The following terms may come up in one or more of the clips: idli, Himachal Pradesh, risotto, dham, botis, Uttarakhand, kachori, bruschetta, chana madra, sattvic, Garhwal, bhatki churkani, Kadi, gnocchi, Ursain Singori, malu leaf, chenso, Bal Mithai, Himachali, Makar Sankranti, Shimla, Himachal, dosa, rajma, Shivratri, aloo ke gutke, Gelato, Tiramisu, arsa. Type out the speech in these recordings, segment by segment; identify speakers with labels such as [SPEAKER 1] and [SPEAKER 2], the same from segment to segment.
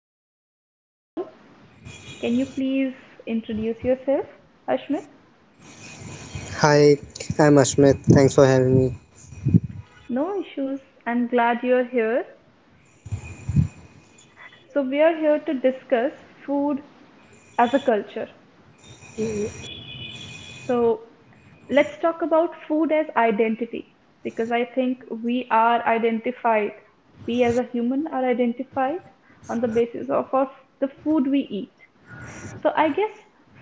[SPEAKER 1] guest for you all. Can you please introduce yourself, Ashmit?
[SPEAKER 2] Hi, I'm Ashmit. Thanks for having me.
[SPEAKER 1] No issues. I'm glad you're here. So, we are here to discuss food as a culture. So, let's talk about food as identity because I think we as a human are identified on the basis of the food we eat. So I guess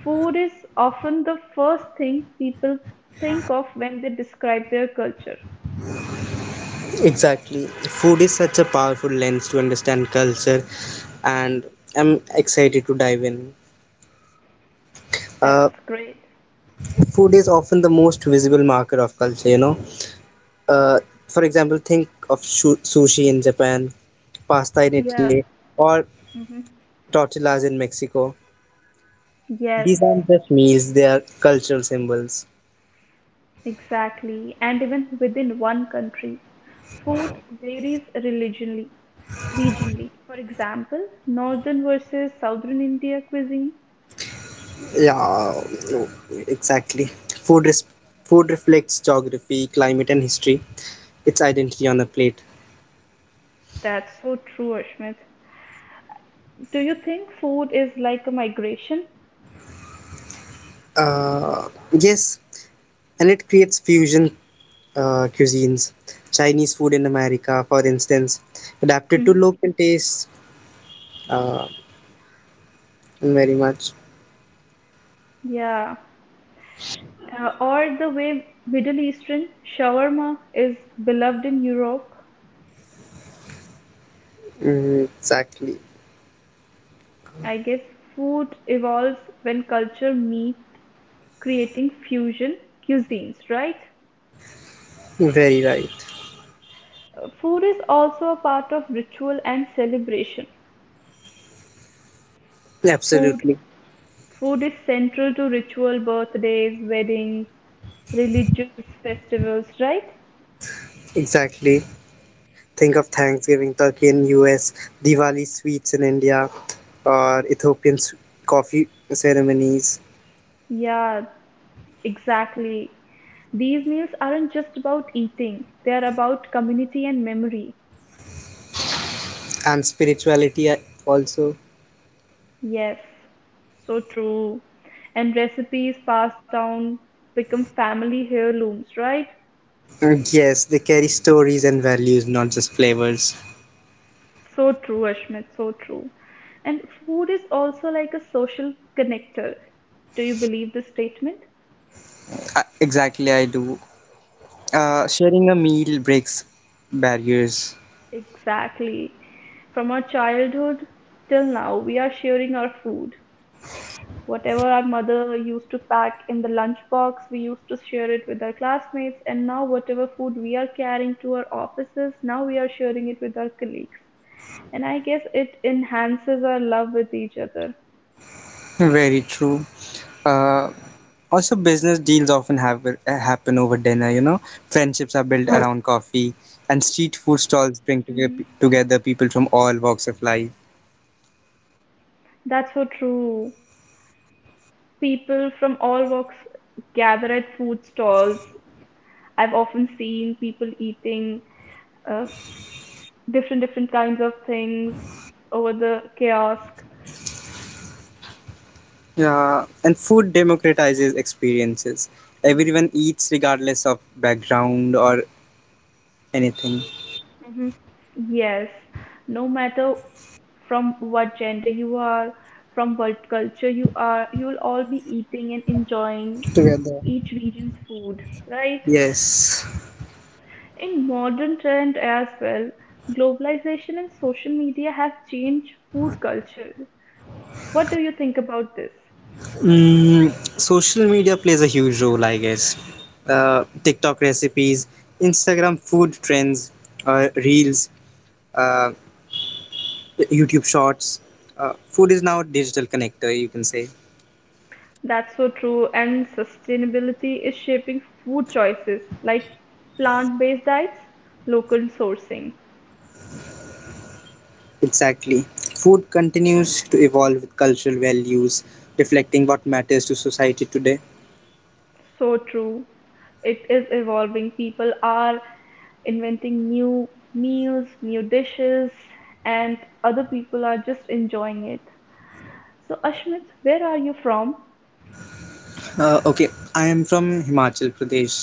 [SPEAKER 1] food is often the first thing people think of when they describe their culture.
[SPEAKER 2] Exactly. Food is such a powerful lens to understand culture, and I'm excited to dive in. Uh,
[SPEAKER 1] That's great.
[SPEAKER 2] Food is often the most visible marker of culture, you know. Uh, for example, think of sushi in Japan, pasta in
[SPEAKER 1] Yeah.
[SPEAKER 2] Italy, or
[SPEAKER 1] hmm
[SPEAKER 2] tortillas in Mexico.
[SPEAKER 1] Yes,
[SPEAKER 2] These aren't just meals, they are cultural symbols.
[SPEAKER 1] exactly. And even within one country, food varies regionally. Regionally, for example, northern versus southern India cuisine.
[SPEAKER 2] Yeah, no, exactly. Food res- Food reflects geography, climate, and history. It's identity on a plate.
[SPEAKER 1] That's so true, Ashmit. Do you think food is like a migration?
[SPEAKER 2] Yes, and it creates fusion cuisines. Chinese food in America, for instance, adapted to
[SPEAKER 1] hmm
[SPEAKER 2] local tastes uh, very much.
[SPEAKER 1] Yeah. Or the way Middle Eastern shawarma is beloved in Europe.
[SPEAKER 2] Hmm, exactly.
[SPEAKER 1] I guess food evolves when culture meet, creating fusion cuisines, right?
[SPEAKER 2] Very right.
[SPEAKER 1] Food is also a part of ritual and celebration. Food
[SPEAKER 2] Absolutely.
[SPEAKER 1] food is central to ritual birthdays, weddings, religious festivals, right?
[SPEAKER 2] Exactly. Think of Thanksgiving turkey in US, Diwali sweets in India, or Ethiopian coffee ceremonies,
[SPEAKER 1] Yeah, exactly. These meals aren't just about eating, they are about community and memory.
[SPEAKER 2] and spirituality also.
[SPEAKER 1] Yes, so true. And recipes passed down become family heirlooms, right?
[SPEAKER 2] Yes they carry stories and values, not just flavors.
[SPEAKER 1] So true, Ashmit, so true. And food is also like a social connector. Do you believe this statement?
[SPEAKER 2] Exactly, I do. Sharing a meal breaks barriers.
[SPEAKER 1] Exactly. From our childhood till now, we are sharing our food. Whatever our mother used to pack in the lunchbox, we used to share it with our classmates. And now, whatever food we are carrying to our offices, now we are sharing it with our colleagues. And I guess it enhances our love with each other.
[SPEAKER 2] Very true. Uh, also, business deals happen over dinner, you know. Friendships are built around coffee, and street food
[SPEAKER 1] hmm
[SPEAKER 2] stalls bring together people from all walks of life.
[SPEAKER 1] That's so true. People from all walks gather at food stalls. I've often seen people eating uh, different kinds of things over the kiosk.
[SPEAKER 2] Yeah, and food democratizes experiences. Everyone eats regardless of background or anything.
[SPEAKER 1] hmm Yes, no matter from what gender you are, from what culture you are, you'll all be eating and enjoying
[SPEAKER 2] Together.
[SPEAKER 1] each region's food, right?
[SPEAKER 2] Yes.
[SPEAKER 1] In modern trend as well, globalization and social media have changed food culture. What do you think about this?
[SPEAKER 2] Mm, social media plays a huge role, I guess. TikTok recipes, Instagram food trends, reels, uh, YouTube shorts, food is now a digital connector, you can say.
[SPEAKER 1] That's so true, and sustainability is shaping food choices like plant-based diets, local sourcing.
[SPEAKER 2] Exactly, food continues to evolve with cultural values, reflecting what matters to society today.
[SPEAKER 1] So true. It is evolving. People are inventing new meals, new dishes, and other people are just enjoying it. So, Ashmit, where are you from?
[SPEAKER 2] Okay, I am from Himachal Pradesh,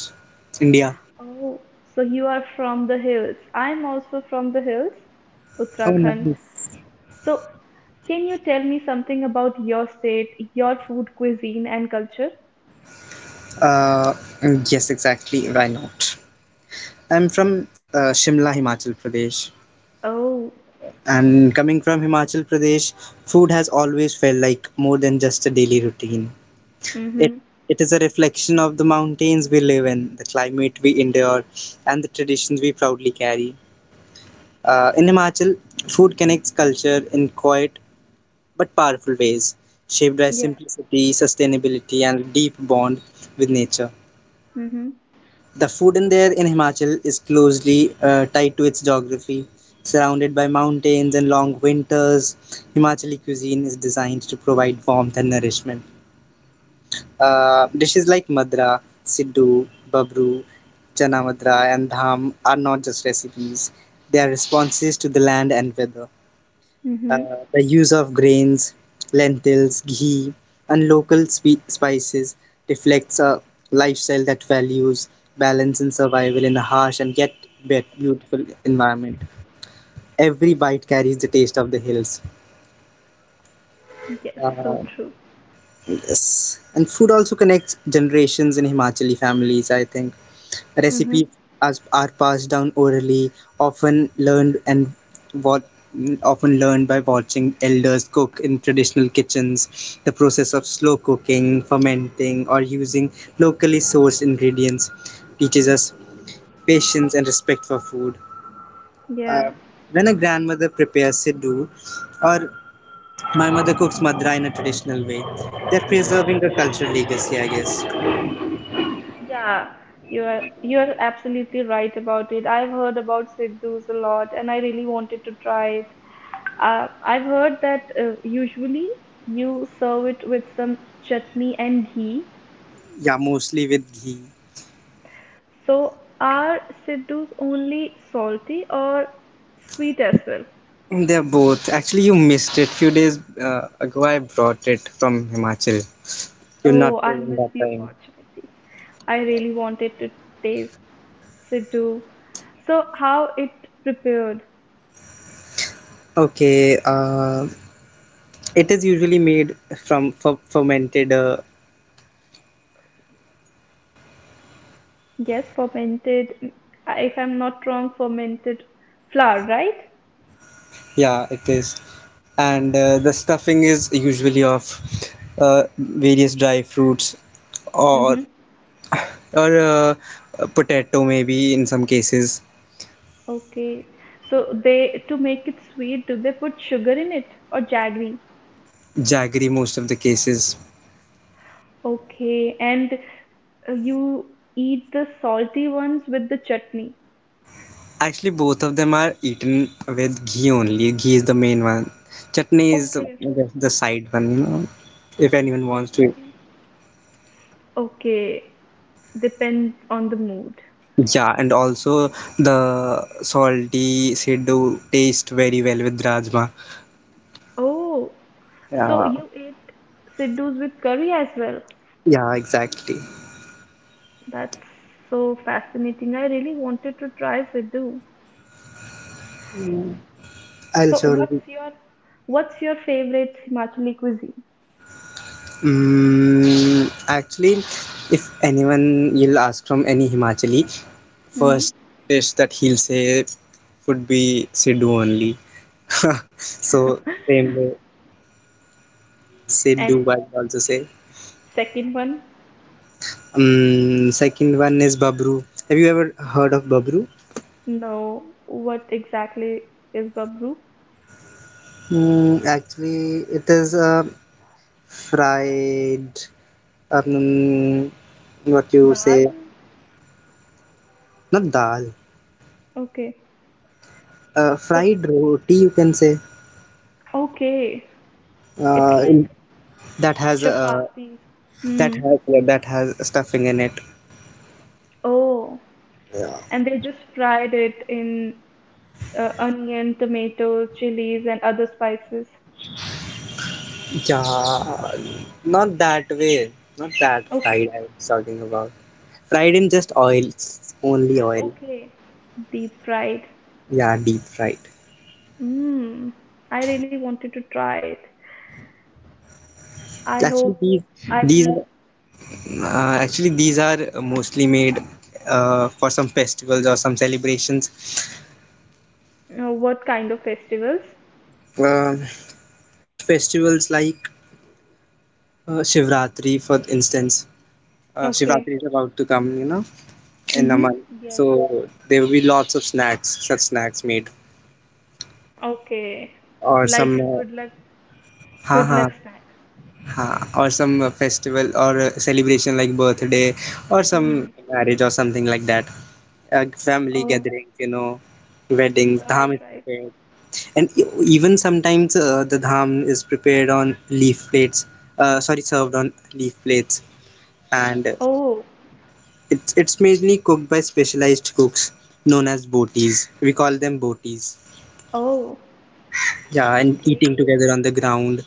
[SPEAKER 2] India.
[SPEAKER 1] Oh, so you are from the hills. I'm also from the hills,
[SPEAKER 2] Oh,
[SPEAKER 1] Uttarakhand.
[SPEAKER 2] nice.
[SPEAKER 1] So, can you tell me something about your state, your food, cuisine, and culture?
[SPEAKER 2] Uh, yes, exactly, why not? I'm from Shimla, Himachal Pradesh,
[SPEAKER 1] Oh.
[SPEAKER 2] and coming from Himachal Pradesh, food has always felt like more than just a daily routine. It,
[SPEAKER 1] Mm-hmm.
[SPEAKER 2] it is a reflection of the mountains we live in, the climate we endure, and the traditions we proudly carry. In Himachal, food connects culture in quiet but powerful ways, shaped by
[SPEAKER 1] Yeah.
[SPEAKER 2] simplicity, sustainability, and a deep bond with nature.
[SPEAKER 1] Mm-hmm.
[SPEAKER 2] The food in there in Himachal is closely tied to its geography. Surrounded by mountains and long winters, Himachali cuisine is designed to provide warmth and nourishment. Dishes like madra, siddu, babru, chana madra, and dham are not just recipes. They are responses to the land and weather. Uh,
[SPEAKER 1] Mm-hmm.
[SPEAKER 2] the use of grains, lentils, ghee, and local spices reflects a lifestyle that values balance and survival in a harsh and yet beautiful environment. Every bite carries the taste of the hills.
[SPEAKER 1] Yes, so true.
[SPEAKER 2] Uh, yes. And food also connects generations in Himachali families, I think.
[SPEAKER 1] Mm-hmm.
[SPEAKER 2] Recipes as are passed down orally, often learned and what often learned by watching elders cook in traditional kitchens. The process of slow cooking, fermenting, or using locally sourced ingredients teaches us patience and respect for food. Uh,
[SPEAKER 1] Yeah.
[SPEAKER 2] when a grandmother prepares siddu, or my mother cooks madra in a traditional way, they're
[SPEAKER 1] Mm-hmm.
[SPEAKER 2] preserving a cultural legacy, I guess.
[SPEAKER 1] Yeah. You are absolutely right about it. I've heard about Siddhus a lot, and I really wanted to try it. I've heard that usually you serve it with some chutney and ghee.
[SPEAKER 2] Yeah, mostly with ghee.
[SPEAKER 1] So are siddhus only salty or sweet as well?
[SPEAKER 2] They're both. Actually, you missed it. Few days ago, I brought it from Himachal. You're not
[SPEAKER 1] Oh,
[SPEAKER 2] there
[SPEAKER 1] I
[SPEAKER 2] in that
[SPEAKER 1] missed the
[SPEAKER 2] time.
[SPEAKER 1] opportunity. I really wanted to taste siddhu. So how it prepared?
[SPEAKER 2] Okay. It is usually made from fermented. Uh,
[SPEAKER 1] Yes, fermented. If I'm not wrong, fermented flour, right?
[SPEAKER 2] yeah, it is. And the stuffing is usually of various dry fruits or
[SPEAKER 1] Mm-hmm.
[SPEAKER 2] or potato maybe in some cases,
[SPEAKER 1] Okay. So they to make it sweet, do they put sugar in it or jaggery?
[SPEAKER 2] jaggery most of the cases.
[SPEAKER 1] Okay, and you eat the salty ones with the chutney.
[SPEAKER 2] Actually, both of them are eaten with ghee only. Ghee is the main one. Chutney is
[SPEAKER 1] Okay,
[SPEAKER 2] just the side one, you know, if anyone wants to.
[SPEAKER 1] okay, okay. Depends on the mood.
[SPEAKER 2] Yeah, and also the salty siddu taste very well with rajma.
[SPEAKER 1] Oh, so
[SPEAKER 2] Yeah,
[SPEAKER 1] you ate siddu's with curry as well.
[SPEAKER 2] yeah, exactly.
[SPEAKER 1] That's so fascinating. I really wanted to try siddu.
[SPEAKER 2] I'll
[SPEAKER 1] So
[SPEAKER 2] surely.
[SPEAKER 1] what's your favorite Himachali cuisine?
[SPEAKER 2] Mm, actually, if anyone you'll ask from any Himachali,
[SPEAKER 1] hmm
[SPEAKER 2] first dish that he'll say would be siddu only. So same way. Say
[SPEAKER 1] And
[SPEAKER 2] do I also say.
[SPEAKER 1] second one,
[SPEAKER 2] Second one is Babru. Have you ever heard of Babru?
[SPEAKER 1] no, what exactly is babru?
[SPEAKER 2] Mm, actually, it is a fried, um, what you
[SPEAKER 1] Dal.
[SPEAKER 2] say, not dal,
[SPEAKER 1] Okay. So,
[SPEAKER 2] fried roti. You can say
[SPEAKER 1] okay. It's
[SPEAKER 2] uh,
[SPEAKER 1] like
[SPEAKER 2] in- that has uh,
[SPEAKER 1] chapatis. Hmm.
[SPEAKER 2] that has yeah, that has stuffing in it.
[SPEAKER 1] Oh. And they just fried it in onion, tomatoes, chilies, and other spices.
[SPEAKER 2] Yeah, not that way. Not that
[SPEAKER 1] Okay.
[SPEAKER 2] fried. I was talking about fried in just oil, only oil.
[SPEAKER 1] Okay. Deep fried.
[SPEAKER 2] Yeah, deep fried.
[SPEAKER 1] Mmm. I really wanted to try it. I
[SPEAKER 2] Actually,
[SPEAKER 1] hope I
[SPEAKER 2] these
[SPEAKER 1] will.
[SPEAKER 2] these are mostly made for some festivals or some celebrations.
[SPEAKER 1] What kind of festivals?
[SPEAKER 2] Uh, festivals like Shivratri, for instance. Shivratri
[SPEAKER 1] Okay.
[SPEAKER 2] is about to come, you know, in a month.
[SPEAKER 1] Mm-hmm. Yes.
[SPEAKER 2] So there will be lots of snacks, such snacks made,
[SPEAKER 1] Okay.
[SPEAKER 2] or
[SPEAKER 1] Like
[SPEAKER 2] some,
[SPEAKER 1] a
[SPEAKER 2] ha
[SPEAKER 1] good
[SPEAKER 2] ha
[SPEAKER 1] luck snack.
[SPEAKER 2] or some festival or celebration like birthday or some
[SPEAKER 1] Mm.
[SPEAKER 2] marriage or something like that. Family
[SPEAKER 1] Oh,
[SPEAKER 2] gatherings, you know, weddings. Dham
[SPEAKER 1] right,
[SPEAKER 2] is
[SPEAKER 1] right.
[SPEAKER 2] prepared, and even sometimes the dham is prepared on leaf plates, sorry, served on leaf plates, and uh,
[SPEAKER 1] Oh,
[SPEAKER 2] it's it's mainly cooked by specialized cooks known as botis. We call them botis.
[SPEAKER 1] oh,
[SPEAKER 2] Yeah. And eating
[SPEAKER 1] okay,
[SPEAKER 2] together on the ground,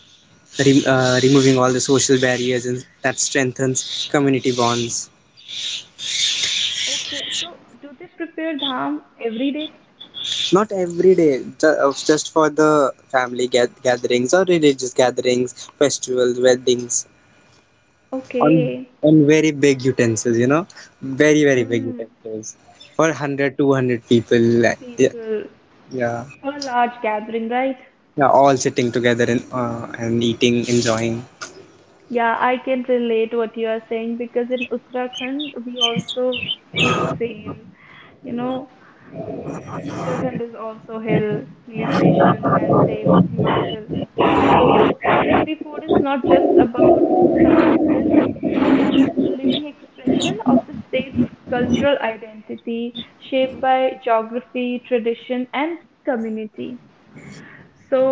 [SPEAKER 2] removing all the social barriers, and that strengthens community bonds.
[SPEAKER 1] okay. So, do they prepare dham every day?
[SPEAKER 2] Not every day, just for the family gatherings or religious gatherings, festivals, weddings. on
[SPEAKER 1] Okay.
[SPEAKER 2] on very big utensils, you know, very very big
[SPEAKER 1] hmm,
[SPEAKER 2] utensils, for 100 200 people. Like, yeah.
[SPEAKER 1] People
[SPEAKER 2] Yeah,
[SPEAKER 1] for a large gathering, right?
[SPEAKER 2] yeah, all sitting together and and eating, enjoying.
[SPEAKER 1] Yeah, I can relate what you are saying because in Uttarakhand we also do the same. You know, Uttarakhand is also hilly station, and same Himachal. So Uttarakhandi food is not just about subsistence, it is a living expression of the state's cultural identity, shaped by geography, tradition, and community. So,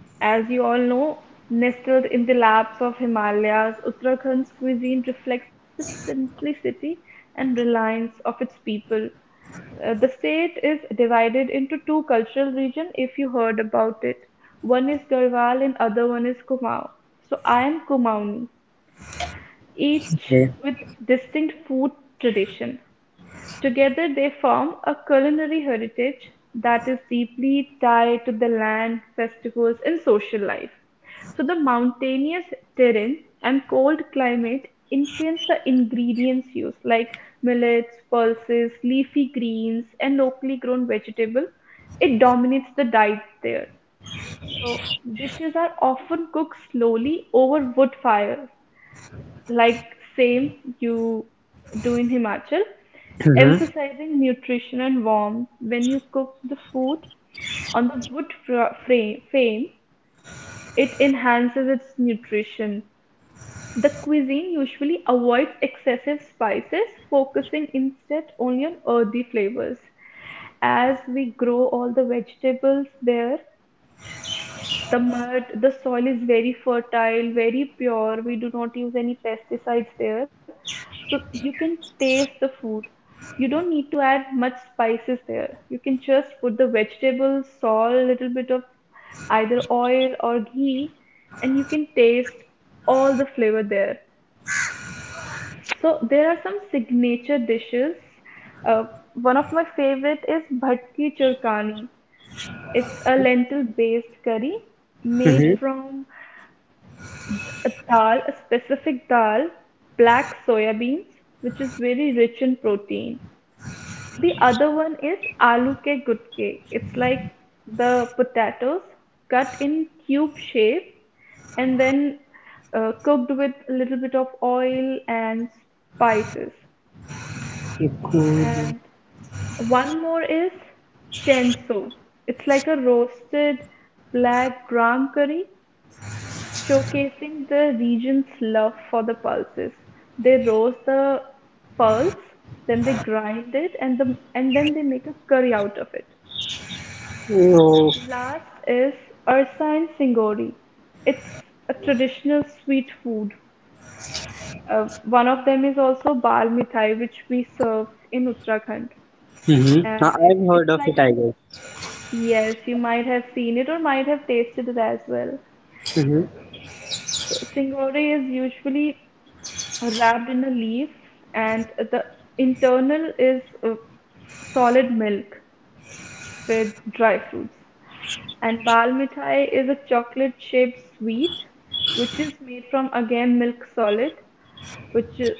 [SPEAKER 1] as you all know, nestled in the laps of Himalayas, Uttarakhand's cuisine reflects the simplicity and reliance of its people. The state is divided into two cultural regions if you heard about it. One is Garhwal and other one is Kumaon. So I am Kumaoni, each
[SPEAKER 2] Okay.
[SPEAKER 1] with distinct food tradition. Together they form a culinary heritage that is deeply tied to the land, festivals, and social life. So the mountainous terrain and cold climate influence the ingredients used, like millets, pulses, leafy greens, and locally grown vegetable. It dominates the diet there. So dishes are often cooked slowly over wood fire, like same you do in Himachal,
[SPEAKER 2] Mm-hmm.
[SPEAKER 1] emphasizing nutrition and warmth. When you cook the food on the wood frame, it enhances its nutrition. The cuisine usually avoids excessive spices, focusing instead only on earthy flavors. As we grow all the vegetables there, the mud, the soil is very fertile, very pure. We do not use any pesticides there. So you can taste the food. You don't need to add much spices there. You can just put the vegetables, salt, little bit of either oil or ghee, and you can taste all the flavor there. So there are some signature dishes. Uh, One of my favorite is bhatki churkani. It's a lentil-based curry made
[SPEAKER 2] Mm-hmm.
[SPEAKER 1] from a specific dal, black soyabeans, which is very rich in protein. The other one is aloo ke gutke. It's like the potatoes cut in cube shape and then cooked with a little bit of oil and spices. And one more is chenso. It's like a roasted black gram curry, showcasing the region's love for the pulses. They roast the pulse, then they grind it, and then they make a curry out of it.
[SPEAKER 2] Oh.
[SPEAKER 1] Last is Ursain Singori. It's a traditional sweet food. One of them is also Bal Mithai, which we serve in Uttarakhand.
[SPEAKER 2] Mm-hmm.
[SPEAKER 1] And
[SPEAKER 2] I've heard
[SPEAKER 1] it's
[SPEAKER 2] of it,
[SPEAKER 1] like a,
[SPEAKER 2] I guess.
[SPEAKER 1] yes, you might have seen it or might have tasted it as well.
[SPEAKER 2] Mm-hmm.
[SPEAKER 1] So Singori is usually wrapped in a leaf, and the internal is solid milk with dry fruits. And bal mithai is a chocolate shaped sweet which is made from again milk solid, which uh,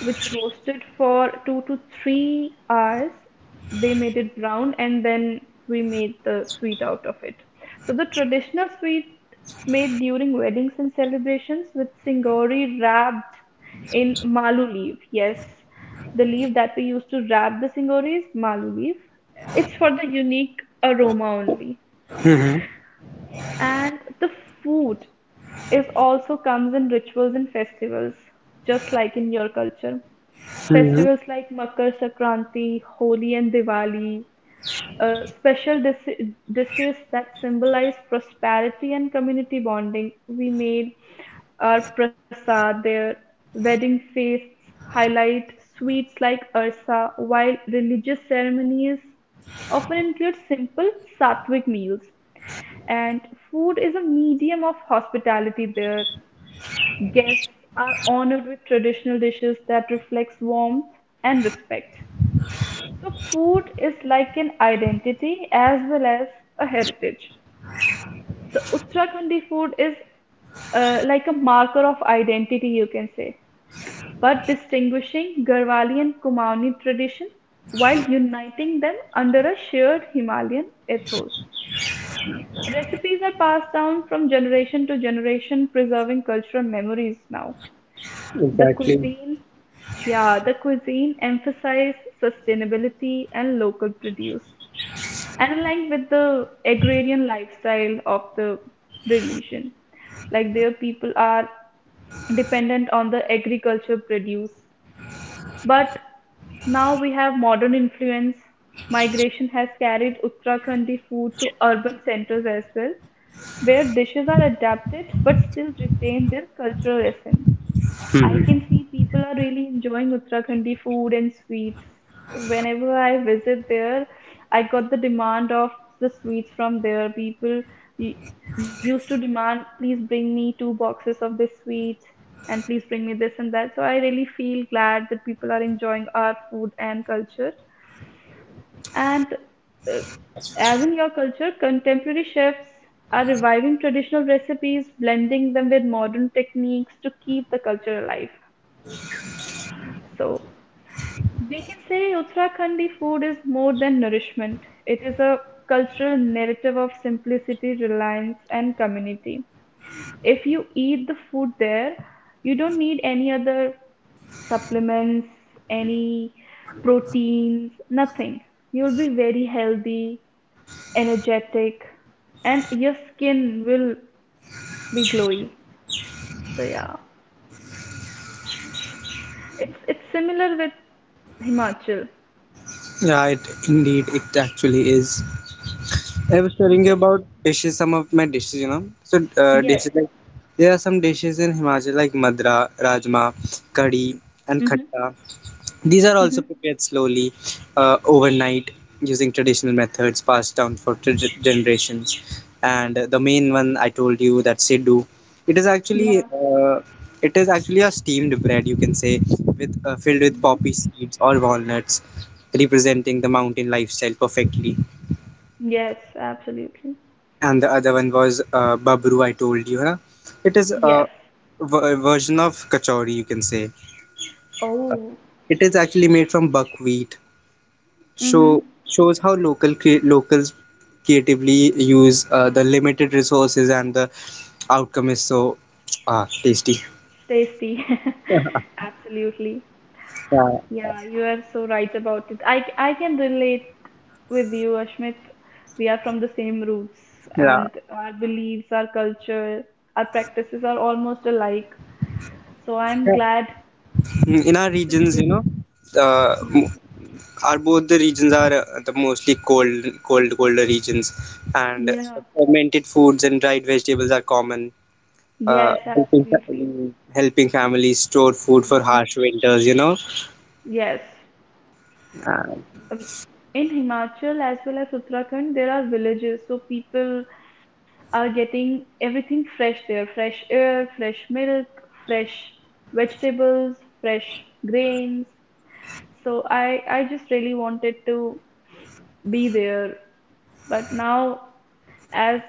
[SPEAKER 1] which roasted for 2 to 3 hours. They made it brown and then we made the sweet out of it. So the traditional sweet made during weddings and celebrations with singori wrapped in malu leaf. Yes, the leaf that we used to wrap the singori is malu leaf. It's for the unique aroma only.
[SPEAKER 2] Mm-hmm.
[SPEAKER 1] And the food is also comes in rituals and festivals, just like in your culture.
[SPEAKER 2] Mm-hmm.
[SPEAKER 1] Festivals like Makar Sankranti, Holi, and Diwali, dishes that symbolize prosperity and community bonding. We made our prasad there. Wedding feasts highlight sweets like arsa, while religious ceremonies often include simple sattvic meals. And food is a medium of hospitality there. Guests are honored with traditional dishes that reflects warmth and respect. So food is like an identity as well as a heritage. So Uttarakhandi food is like a marker of identity, you can say, but distinguishing Garhwali and Kumaoni tradition while uniting them under a shared Himalayan ethos. Recipes are passed down from generation to generation, preserving cultural memories now. The
[SPEAKER 2] Exactly.
[SPEAKER 1] cuisine Yeah, the cuisine emphasized sustainability and local produce, and aligned with the agrarian lifestyle of the religion. Like their people are dependent on the agriculture produce. But now we have modern influence. Migration has carried Uttarakhandi food to urban centers as well, where dishes are adapted but still retain their cultural essence. I can
[SPEAKER 2] Mm-hmm.
[SPEAKER 1] see people are really enjoying Uttarakhandi food and sweets. Whenever I visit there, I got the demand of the sweets from there. Y- used to demand, please bring me 2 boxes of this sweet and please bring me this and that. So I really feel glad that people are enjoying our food and culture. And uh, as in your culture, contemporary chefs are reviving traditional recipes, blending them with modern techniques to keep the culture alive. So we can say Uttarakhandi food is more than nourishment. It is a cultural narrative of simplicity, reliance, and community. If you eat the food there, you don't need any other supplements, any proteins, nothing. You'll be very healthy, energetic, and your skin will be glowy. So yeah, it's similar with Himachal.
[SPEAKER 2] Yeah, it indeed, it actually is. I was
[SPEAKER 1] You
[SPEAKER 2] telling you
[SPEAKER 1] can
[SPEAKER 2] about dishes, some of my dishes, you know. So,
[SPEAKER 1] yes.
[SPEAKER 2] dishes like, there are some dishes in Himachal like madra, rajma, Kadi,
[SPEAKER 1] Mm-hmm.
[SPEAKER 2] and khatta. These are
[SPEAKER 1] Mm-hmm.
[SPEAKER 2] also prepared slowly, overnight, using traditional methods passed down for generations. And the main one I told you, that siddu. It is actually
[SPEAKER 1] Yeah.
[SPEAKER 2] uh, it is actually a steamed bread, you can say, with filled
[SPEAKER 1] hmm
[SPEAKER 2] with poppy seeds or walnuts, representing the mountain lifestyle perfectly.
[SPEAKER 1] Yes, absolutely.
[SPEAKER 2] And the other one was Babru, I told you. Huh? It is
[SPEAKER 1] Yes.
[SPEAKER 2] a version of kachori, you can say.
[SPEAKER 1] Oh.
[SPEAKER 2] It is actually made from buckwheat,
[SPEAKER 1] Mm-hmm.
[SPEAKER 2] so shows how local locals creatively use the limited resources, and the outcome is so tasty.
[SPEAKER 1] Tasty. Absolutely.
[SPEAKER 2] Yeah,
[SPEAKER 1] Yeah, you are so right about it. I can relate with you, Ashmit. We are from the same roots,
[SPEAKER 2] yeah.
[SPEAKER 1] and our beliefs, our culture, our practices are almost alike. So I'm
[SPEAKER 2] Yeah.
[SPEAKER 1] glad
[SPEAKER 2] Mm, in our
[SPEAKER 1] to
[SPEAKER 2] regions, you
[SPEAKER 1] hear.
[SPEAKER 2] know, uh,
[SPEAKER 1] Yeah.
[SPEAKER 2] m- are both the regions are the mostly colder regions, and
[SPEAKER 1] Yeah.
[SPEAKER 2] fermented foods and dried vegetables are common. uh,
[SPEAKER 1] Yes,
[SPEAKER 2] helping, fa-
[SPEAKER 1] absolutely.
[SPEAKER 2] helping families store food for harsh
[SPEAKER 1] Mm-hmm.
[SPEAKER 2] winters, you know.
[SPEAKER 1] Yes.
[SPEAKER 2] Uh,
[SPEAKER 1] um, in Himachal as well as Uttarakhand, there are villages, so people are getting everything fresh there, fresh air, fresh milk, fresh vegetables, fresh grains. So I just really wanted to be there, but now as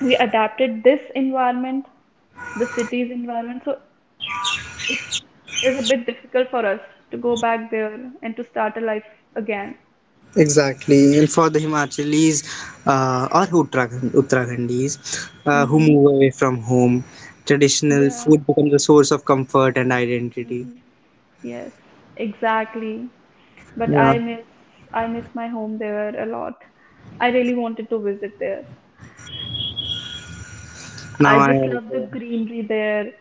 [SPEAKER 1] we adapted this environment, the city's environment, so it is a bit difficult for us to go back there and to start a life again.
[SPEAKER 2] exactly. And for the Himachalis or Uttarakhandis who
[SPEAKER 1] Mhm.
[SPEAKER 2] move away from home, traditional
[SPEAKER 1] Yeah.
[SPEAKER 2] food becomes a source of comfort and identity.
[SPEAKER 1] Hmm. Yes, exactly. But
[SPEAKER 2] Yeah.
[SPEAKER 1] I miss my home there a lot. I really wanted to visit there.
[SPEAKER 2] Now
[SPEAKER 1] I
[SPEAKER 2] I
[SPEAKER 1] just love the
[SPEAKER 2] also.
[SPEAKER 1] greenery there.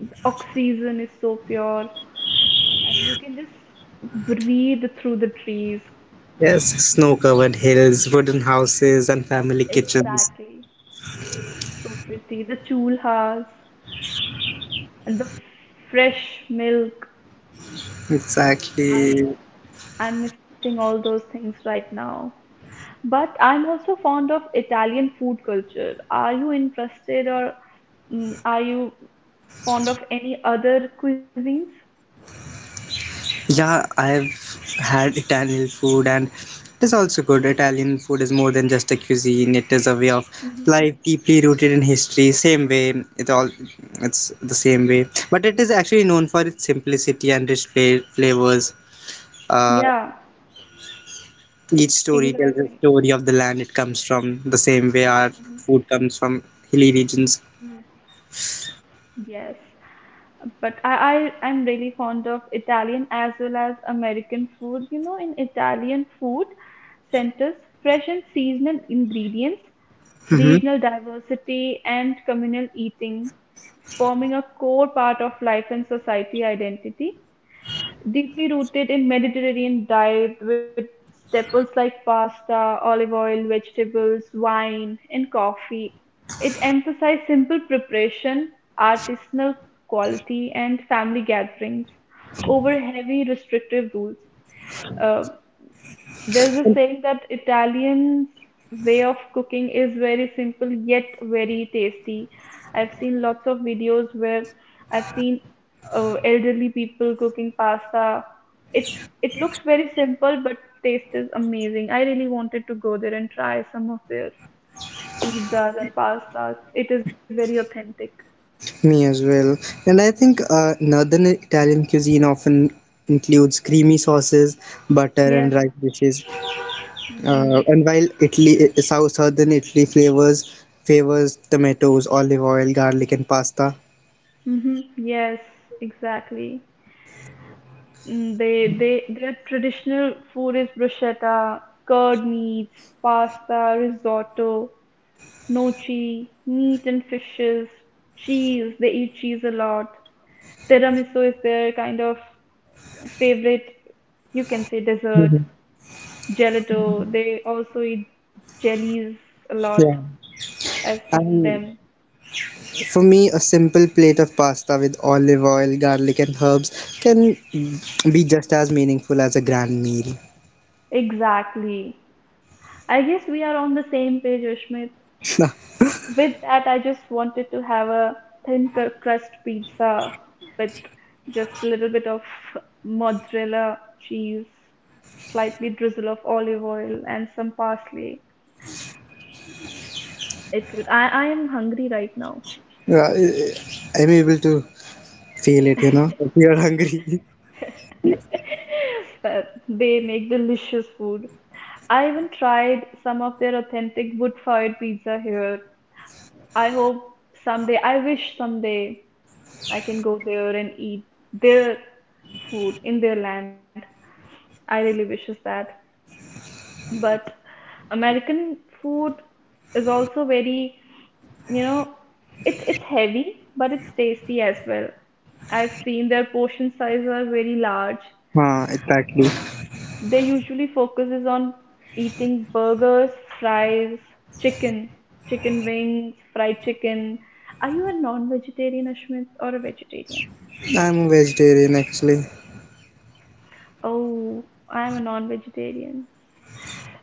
[SPEAKER 1] The oxygen is so pure, and you can just breathe through the trees.
[SPEAKER 2] Yes, snow covered hills, wooden houses, and family kitchens.
[SPEAKER 1] Exactly. So pretty. The chulhas and the fresh milk. I'm
[SPEAKER 2] Exactly.
[SPEAKER 1] I'm missing all those things right now. But I'm also fond of Italian food culture. Are you interested or are you fond of any other cuisines?
[SPEAKER 2] Yeah, I've had Italian food and it is also good. Italian food is more than just a cuisine, it is a way of
[SPEAKER 1] Hmm.
[SPEAKER 2] life deeply rooted in history. Same way, it's the same way. But it is actually known for its simplicity and rich flavors. Uh,
[SPEAKER 1] Yeah,
[SPEAKER 2] each story tells a
[SPEAKER 1] exactly.
[SPEAKER 2] story of the land it comes from, the same way our
[SPEAKER 1] Hmm.
[SPEAKER 2] food comes from hilly regions.
[SPEAKER 1] Mm. Yes, but I'm really fond of Italian as well as American food. You know, in Italian food centers, fresh and seasonal ingredients,
[SPEAKER 2] Mm-hmm.
[SPEAKER 1] regional diversity, and communal eating, forming a core part of life and society identity. Deeply rooted in Mediterranean diet with staples like pasta, olive oil, vegetables, wine, and coffee, it emphasized simple preparation, artisanal quality, and family gatherings over heavy restrictive rules. Uh, there's a saying that Italians' way of cooking is very simple yet very tasty. I've seen lots of videos where I've seen elderly people cooking pasta. It it looks very simple, but taste is amazing. I really wanted to go there and try some of their pizzas and pastas. It is very authentic.
[SPEAKER 2] Me as well. And I think northern Italian cuisine often includes creamy sauces, butter, and rice
[SPEAKER 1] Yeah.
[SPEAKER 2] dishes.
[SPEAKER 1] Mm.
[SPEAKER 2] And while Italy, southern Italy flavors favors tomatoes, olive oil, garlic, and pasta.
[SPEAKER 1] Mm-hmm. Yes, exactly. Mm, they their traditional food is bruschetta, curd meats, pasta, risotto, gnocchi, meat and fishes, cheese. They eat cheese a lot. Tiramisu is their kind of favorite, you can say dessert.
[SPEAKER 2] Mhm.
[SPEAKER 1] Gelato. They also eat jellies a lot.
[SPEAKER 2] Yeah.
[SPEAKER 1] I've seen
[SPEAKER 2] And
[SPEAKER 1] them.
[SPEAKER 2] for me, a simple plate of pasta with olive oil, garlic, and herbs can be just as meaningful as a grand meal.
[SPEAKER 1] Exactly. I guess we are on the same page, Ashmit. With that, I just wanted to have a thin crust pizza with just a little bit of mozzarella cheese, slightly drizzle of olive oil, and some parsley. It would. I am hungry right now.
[SPEAKER 2] Yeah, I'm able to feel it, you know. You're hungry.
[SPEAKER 1] Uh, they make delicious food. I even tried some of their authentic wood-fired pizza here. I hope someday, I wish someday I can go there and eat their food in their land. I really wishes that. But American food is also very, you know, it's heavy, but it's tasty as well. I've seen their portion sizes are very large.
[SPEAKER 2] Exactly.
[SPEAKER 1] They usually focuses on eating burgers, fries, chicken, chicken wings, fried chicken. Are you a non-vegetarian, Ashmit, or a vegetarian?
[SPEAKER 2] I'm a vegetarian actually.
[SPEAKER 1] Oh, I'm a non-vegetarian.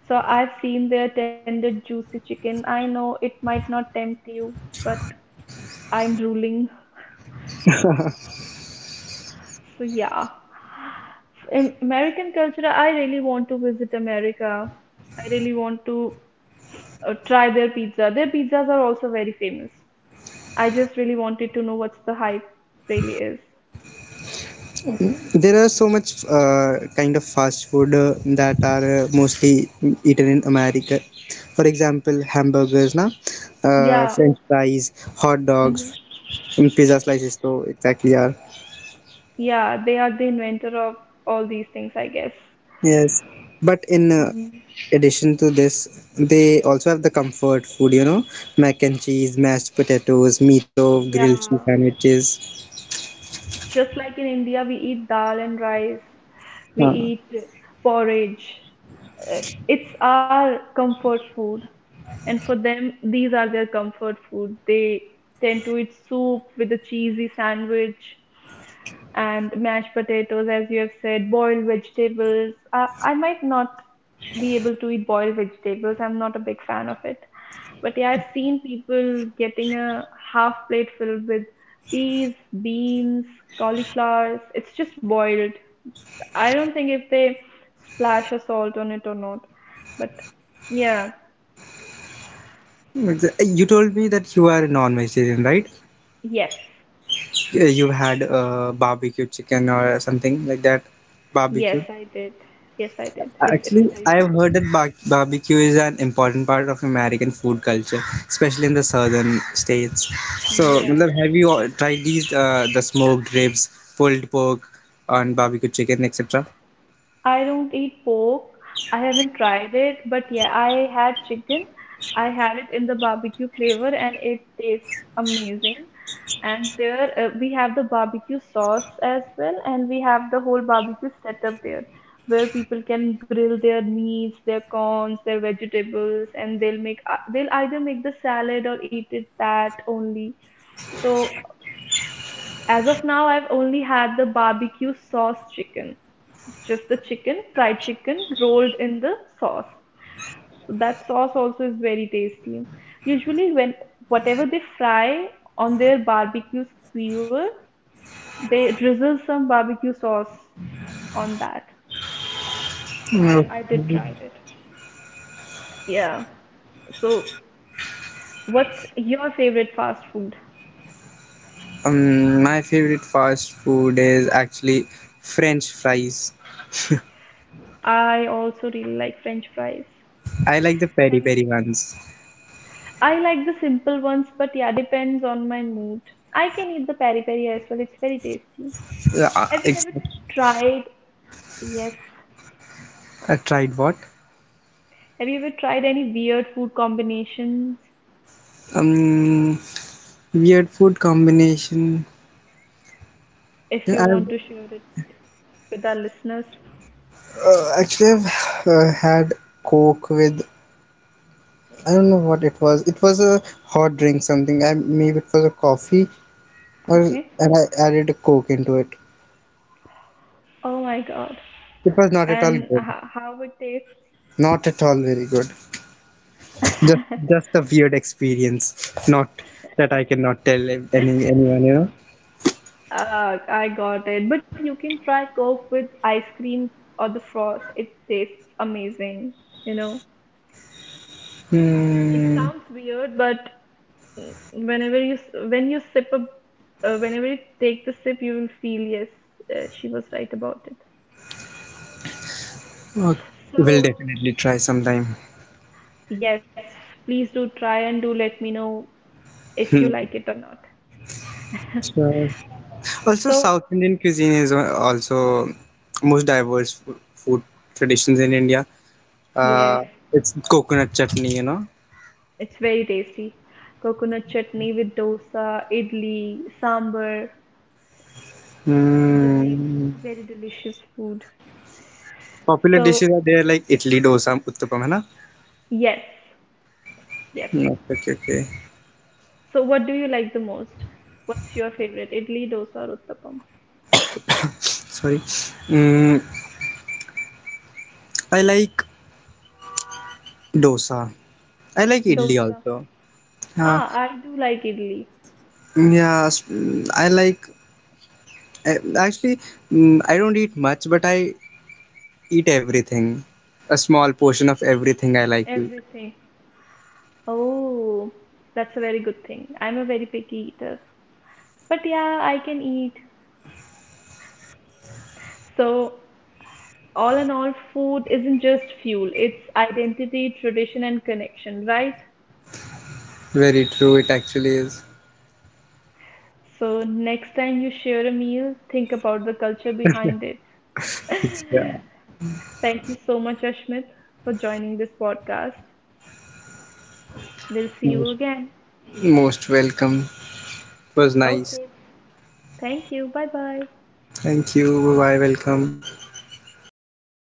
[SPEAKER 1] So I've seen their tender juicy chicken. I know it might not tempt you, but I'm drooling. So yeah. In American culture, I really want to visit America. I really want to try their pizza. Their pizzas are also very famous. I just really wanted to know what's the hype really is.
[SPEAKER 2] There are so much kind of fast food that are mostly eaten in America. For example, hamburgers, na,
[SPEAKER 1] Yeah.
[SPEAKER 2] French fries, hot
[SPEAKER 1] Hmm.
[SPEAKER 2] dogs, and pizza slices. So exactly, yeah.
[SPEAKER 1] Yeah, they are the inventor of all these things, I guess.
[SPEAKER 2] Yes, but in
[SPEAKER 1] Mm.
[SPEAKER 2] addition to this, they also have the comfort food. You know, mac and cheese, mashed potatoes, meatloaf, grilled cheese
[SPEAKER 1] Yeah.
[SPEAKER 2] sandwiches.
[SPEAKER 1] Just like in India, we eat dal and rice, we
[SPEAKER 2] Uh,
[SPEAKER 1] eat porridge. Uh, It's our comfort food. And for them, these are their comfort food. They tend to eat soup with a cheesy sandwich and mashed potatoes, as you have said, boiled vegetables. I might not be able to eat boiled vegetables. I'm not a big fan of it. But yeah, I've seen people getting a half plate filled with peas, beans, cauliflowers. It's just boiled. I don't think if they splash a salt on it or not. But yeah,
[SPEAKER 2] You told me that you are non-vegetarian, right?
[SPEAKER 1] yes.
[SPEAKER 2] You had barbecue chicken or something like that.
[SPEAKER 1] Yes,
[SPEAKER 2] Barbecue.
[SPEAKER 1] I did. Yes, I did. It's
[SPEAKER 2] Actually,
[SPEAKER 1] very
[SPEAKER 2] I've heard
[SPEAKER 1] tasty.
[SPEAKER 2] that barbecue is an important part of American food culture, especially in the southern states. So, matlab,
[SPEAKER 1] Yes.
[SPEAKER 2] have you all tried these the smoked ribs, pulled pork, and barbecue chicken, etc.?
[SPEAKER 1] I don't eat pork. I haven't tried it, but yeah, I had chicken. I had it in the barbecue flavor and it tastes amazing. And there we have the barbecue sauce as well, and we have the whole barbecue setup there where people can grill their meats, their corns, their vegetables, and they'll make they'll either make the salad or eat it that only. So as of now, I've only had the barbecue sauce chicken, just the chicken, fried chicken rolled in the sauce. So that sauce also is very tasty. Usually, when whatever they fry on their barbecue skewer, they drizzle some barbecue sauce on that. So I,
[SPEAKER 2] No.
[SPEAKER 1] I did tried it. Yeah. So, what's your favorite fast food?
[SPEAKER 2] My favorite fast food is actually French fries.
[SPEAKER 1] I also really like French fries.
[SPEAKER 2] I like the peri
[SPEAKER 1] Have you,
[SPEAKER 2] peri ones.
[SPEAKER 1] I like the simple ones, but yeah, depends on my mood. I can eat the peri peri as well, it's very tasty.
[SPEAKER 2] Yeah,
[SPEAKER 1] Have you ever
[SPEAKER 2] exactly.
[SPEAKER 1] tried, yes,
[SPEAKER 2] I tried what?
[SPEAKER 1] have you ever tried any weird food combinations?
[SPEAKER 2] Um, Weird food combination.
[SPEAKER 1] If
[SPEAKER 2] Yeah,
[SPEAKER 1] you want
[SPEAKER 2] I've
[SPEAKER 1] to share it with our listeners,
[SPEAKER 2] actually I've had Coke with I don't know what it was. It was a hot drink, something. I Maybe it was a coffee, or and
[SPEAKER 1] okay?
[SPEAKER 2] I added a Coke into it.
[SPEAKER 1] Oh my God.
[SPEAKER 2] It was not at all
[SPEAKER 1] And
[SPEAKER 2] good.
[SPEAKER 1] how it tastes?
[SPEAKER 2] Not at all very good. Just just a weird experience. Not that I cannot tell anyone. You know.
[SPEAKER 1] I got it. But you can try Coke with ice cream or the frost. It tastes amazing, you know. It
[SPEAKER 2] Hmm.
[SPEAKER 1] sounds weird, but whenever you when you sip a whenever you take the sip, you will feel yes, she was right about it.
[SPEAKER 2] Okay. We'll
[SPEAKER 1] So,
[SPEAKER 2] definitely try sometime.
[SPEAKER 1] yes, please do try and do let me know if you
[SPEAKER 2] Hmm.
[SPEAKER 1] like it or not.
[SPEAKER 2] Sure. Also,
[SPEAKER 1] So,
[SPEAKER 2] South Indian cuisine is also most diverse food traditions in India.
[SPEAKER 1] yes,
[SPEAKER 2] Uh, it's coconut chutney, you know.
[SPEAKER 1] it's very tasty. Coconut chutney with dosa, idli, sambar, they make
[SPEAKER 2] Mm.
[SPEAKER 1] very delicious food.
[SPEAKER 2] Popular
[SPEAKER 1] So,
[SPEAKER 2] dishes are there like idli, dosa, uttapam, hai na?
[SPEAKER 1] yes, yes.
[SPEAKER 2] Mm, okay, okay, okay.
[SPEAKER 1] So, what do you like the most? What's your favorite? Idli, dosa, or uttapam?
[SPEAKER 2] Sorry. Mm, I like dosa. I like idli
[SPEAKER 1] Dosa.
[SPEAKER 2] also. Uh,
[SPEAKER 1] Ah, I do like idli.
[SPEAKER 2] yeah, I like. Actually, I don't eat much, but I eat everything. A small portion of everything I like to eat.
[SPEAKER 1] Everything. Oh, that's a very good thing. I'm a very picky eater. But yeah, I can eat. So, all in all, food isn't just fuel, it's identity, tradition, and connection, right?
[SPEAKER 2] Very true. It actually is.
[SPEAKER 1] So, next time you share a meal, think about the culture behind it.
[SPEAKER 2] It's, yeah,
[SPEAKER 1] Thank you so much, Ashmit, for joining this podcast. We'll see you
[SPEAKER 2] most
[SPEAKER 1] again.
[SPEAKER 2] most welcome. It was nice.
[SPEAKER 1] Okay. Thank you. Bye bye.
[SPEAKER 2] Thank you. Bye. Welcome.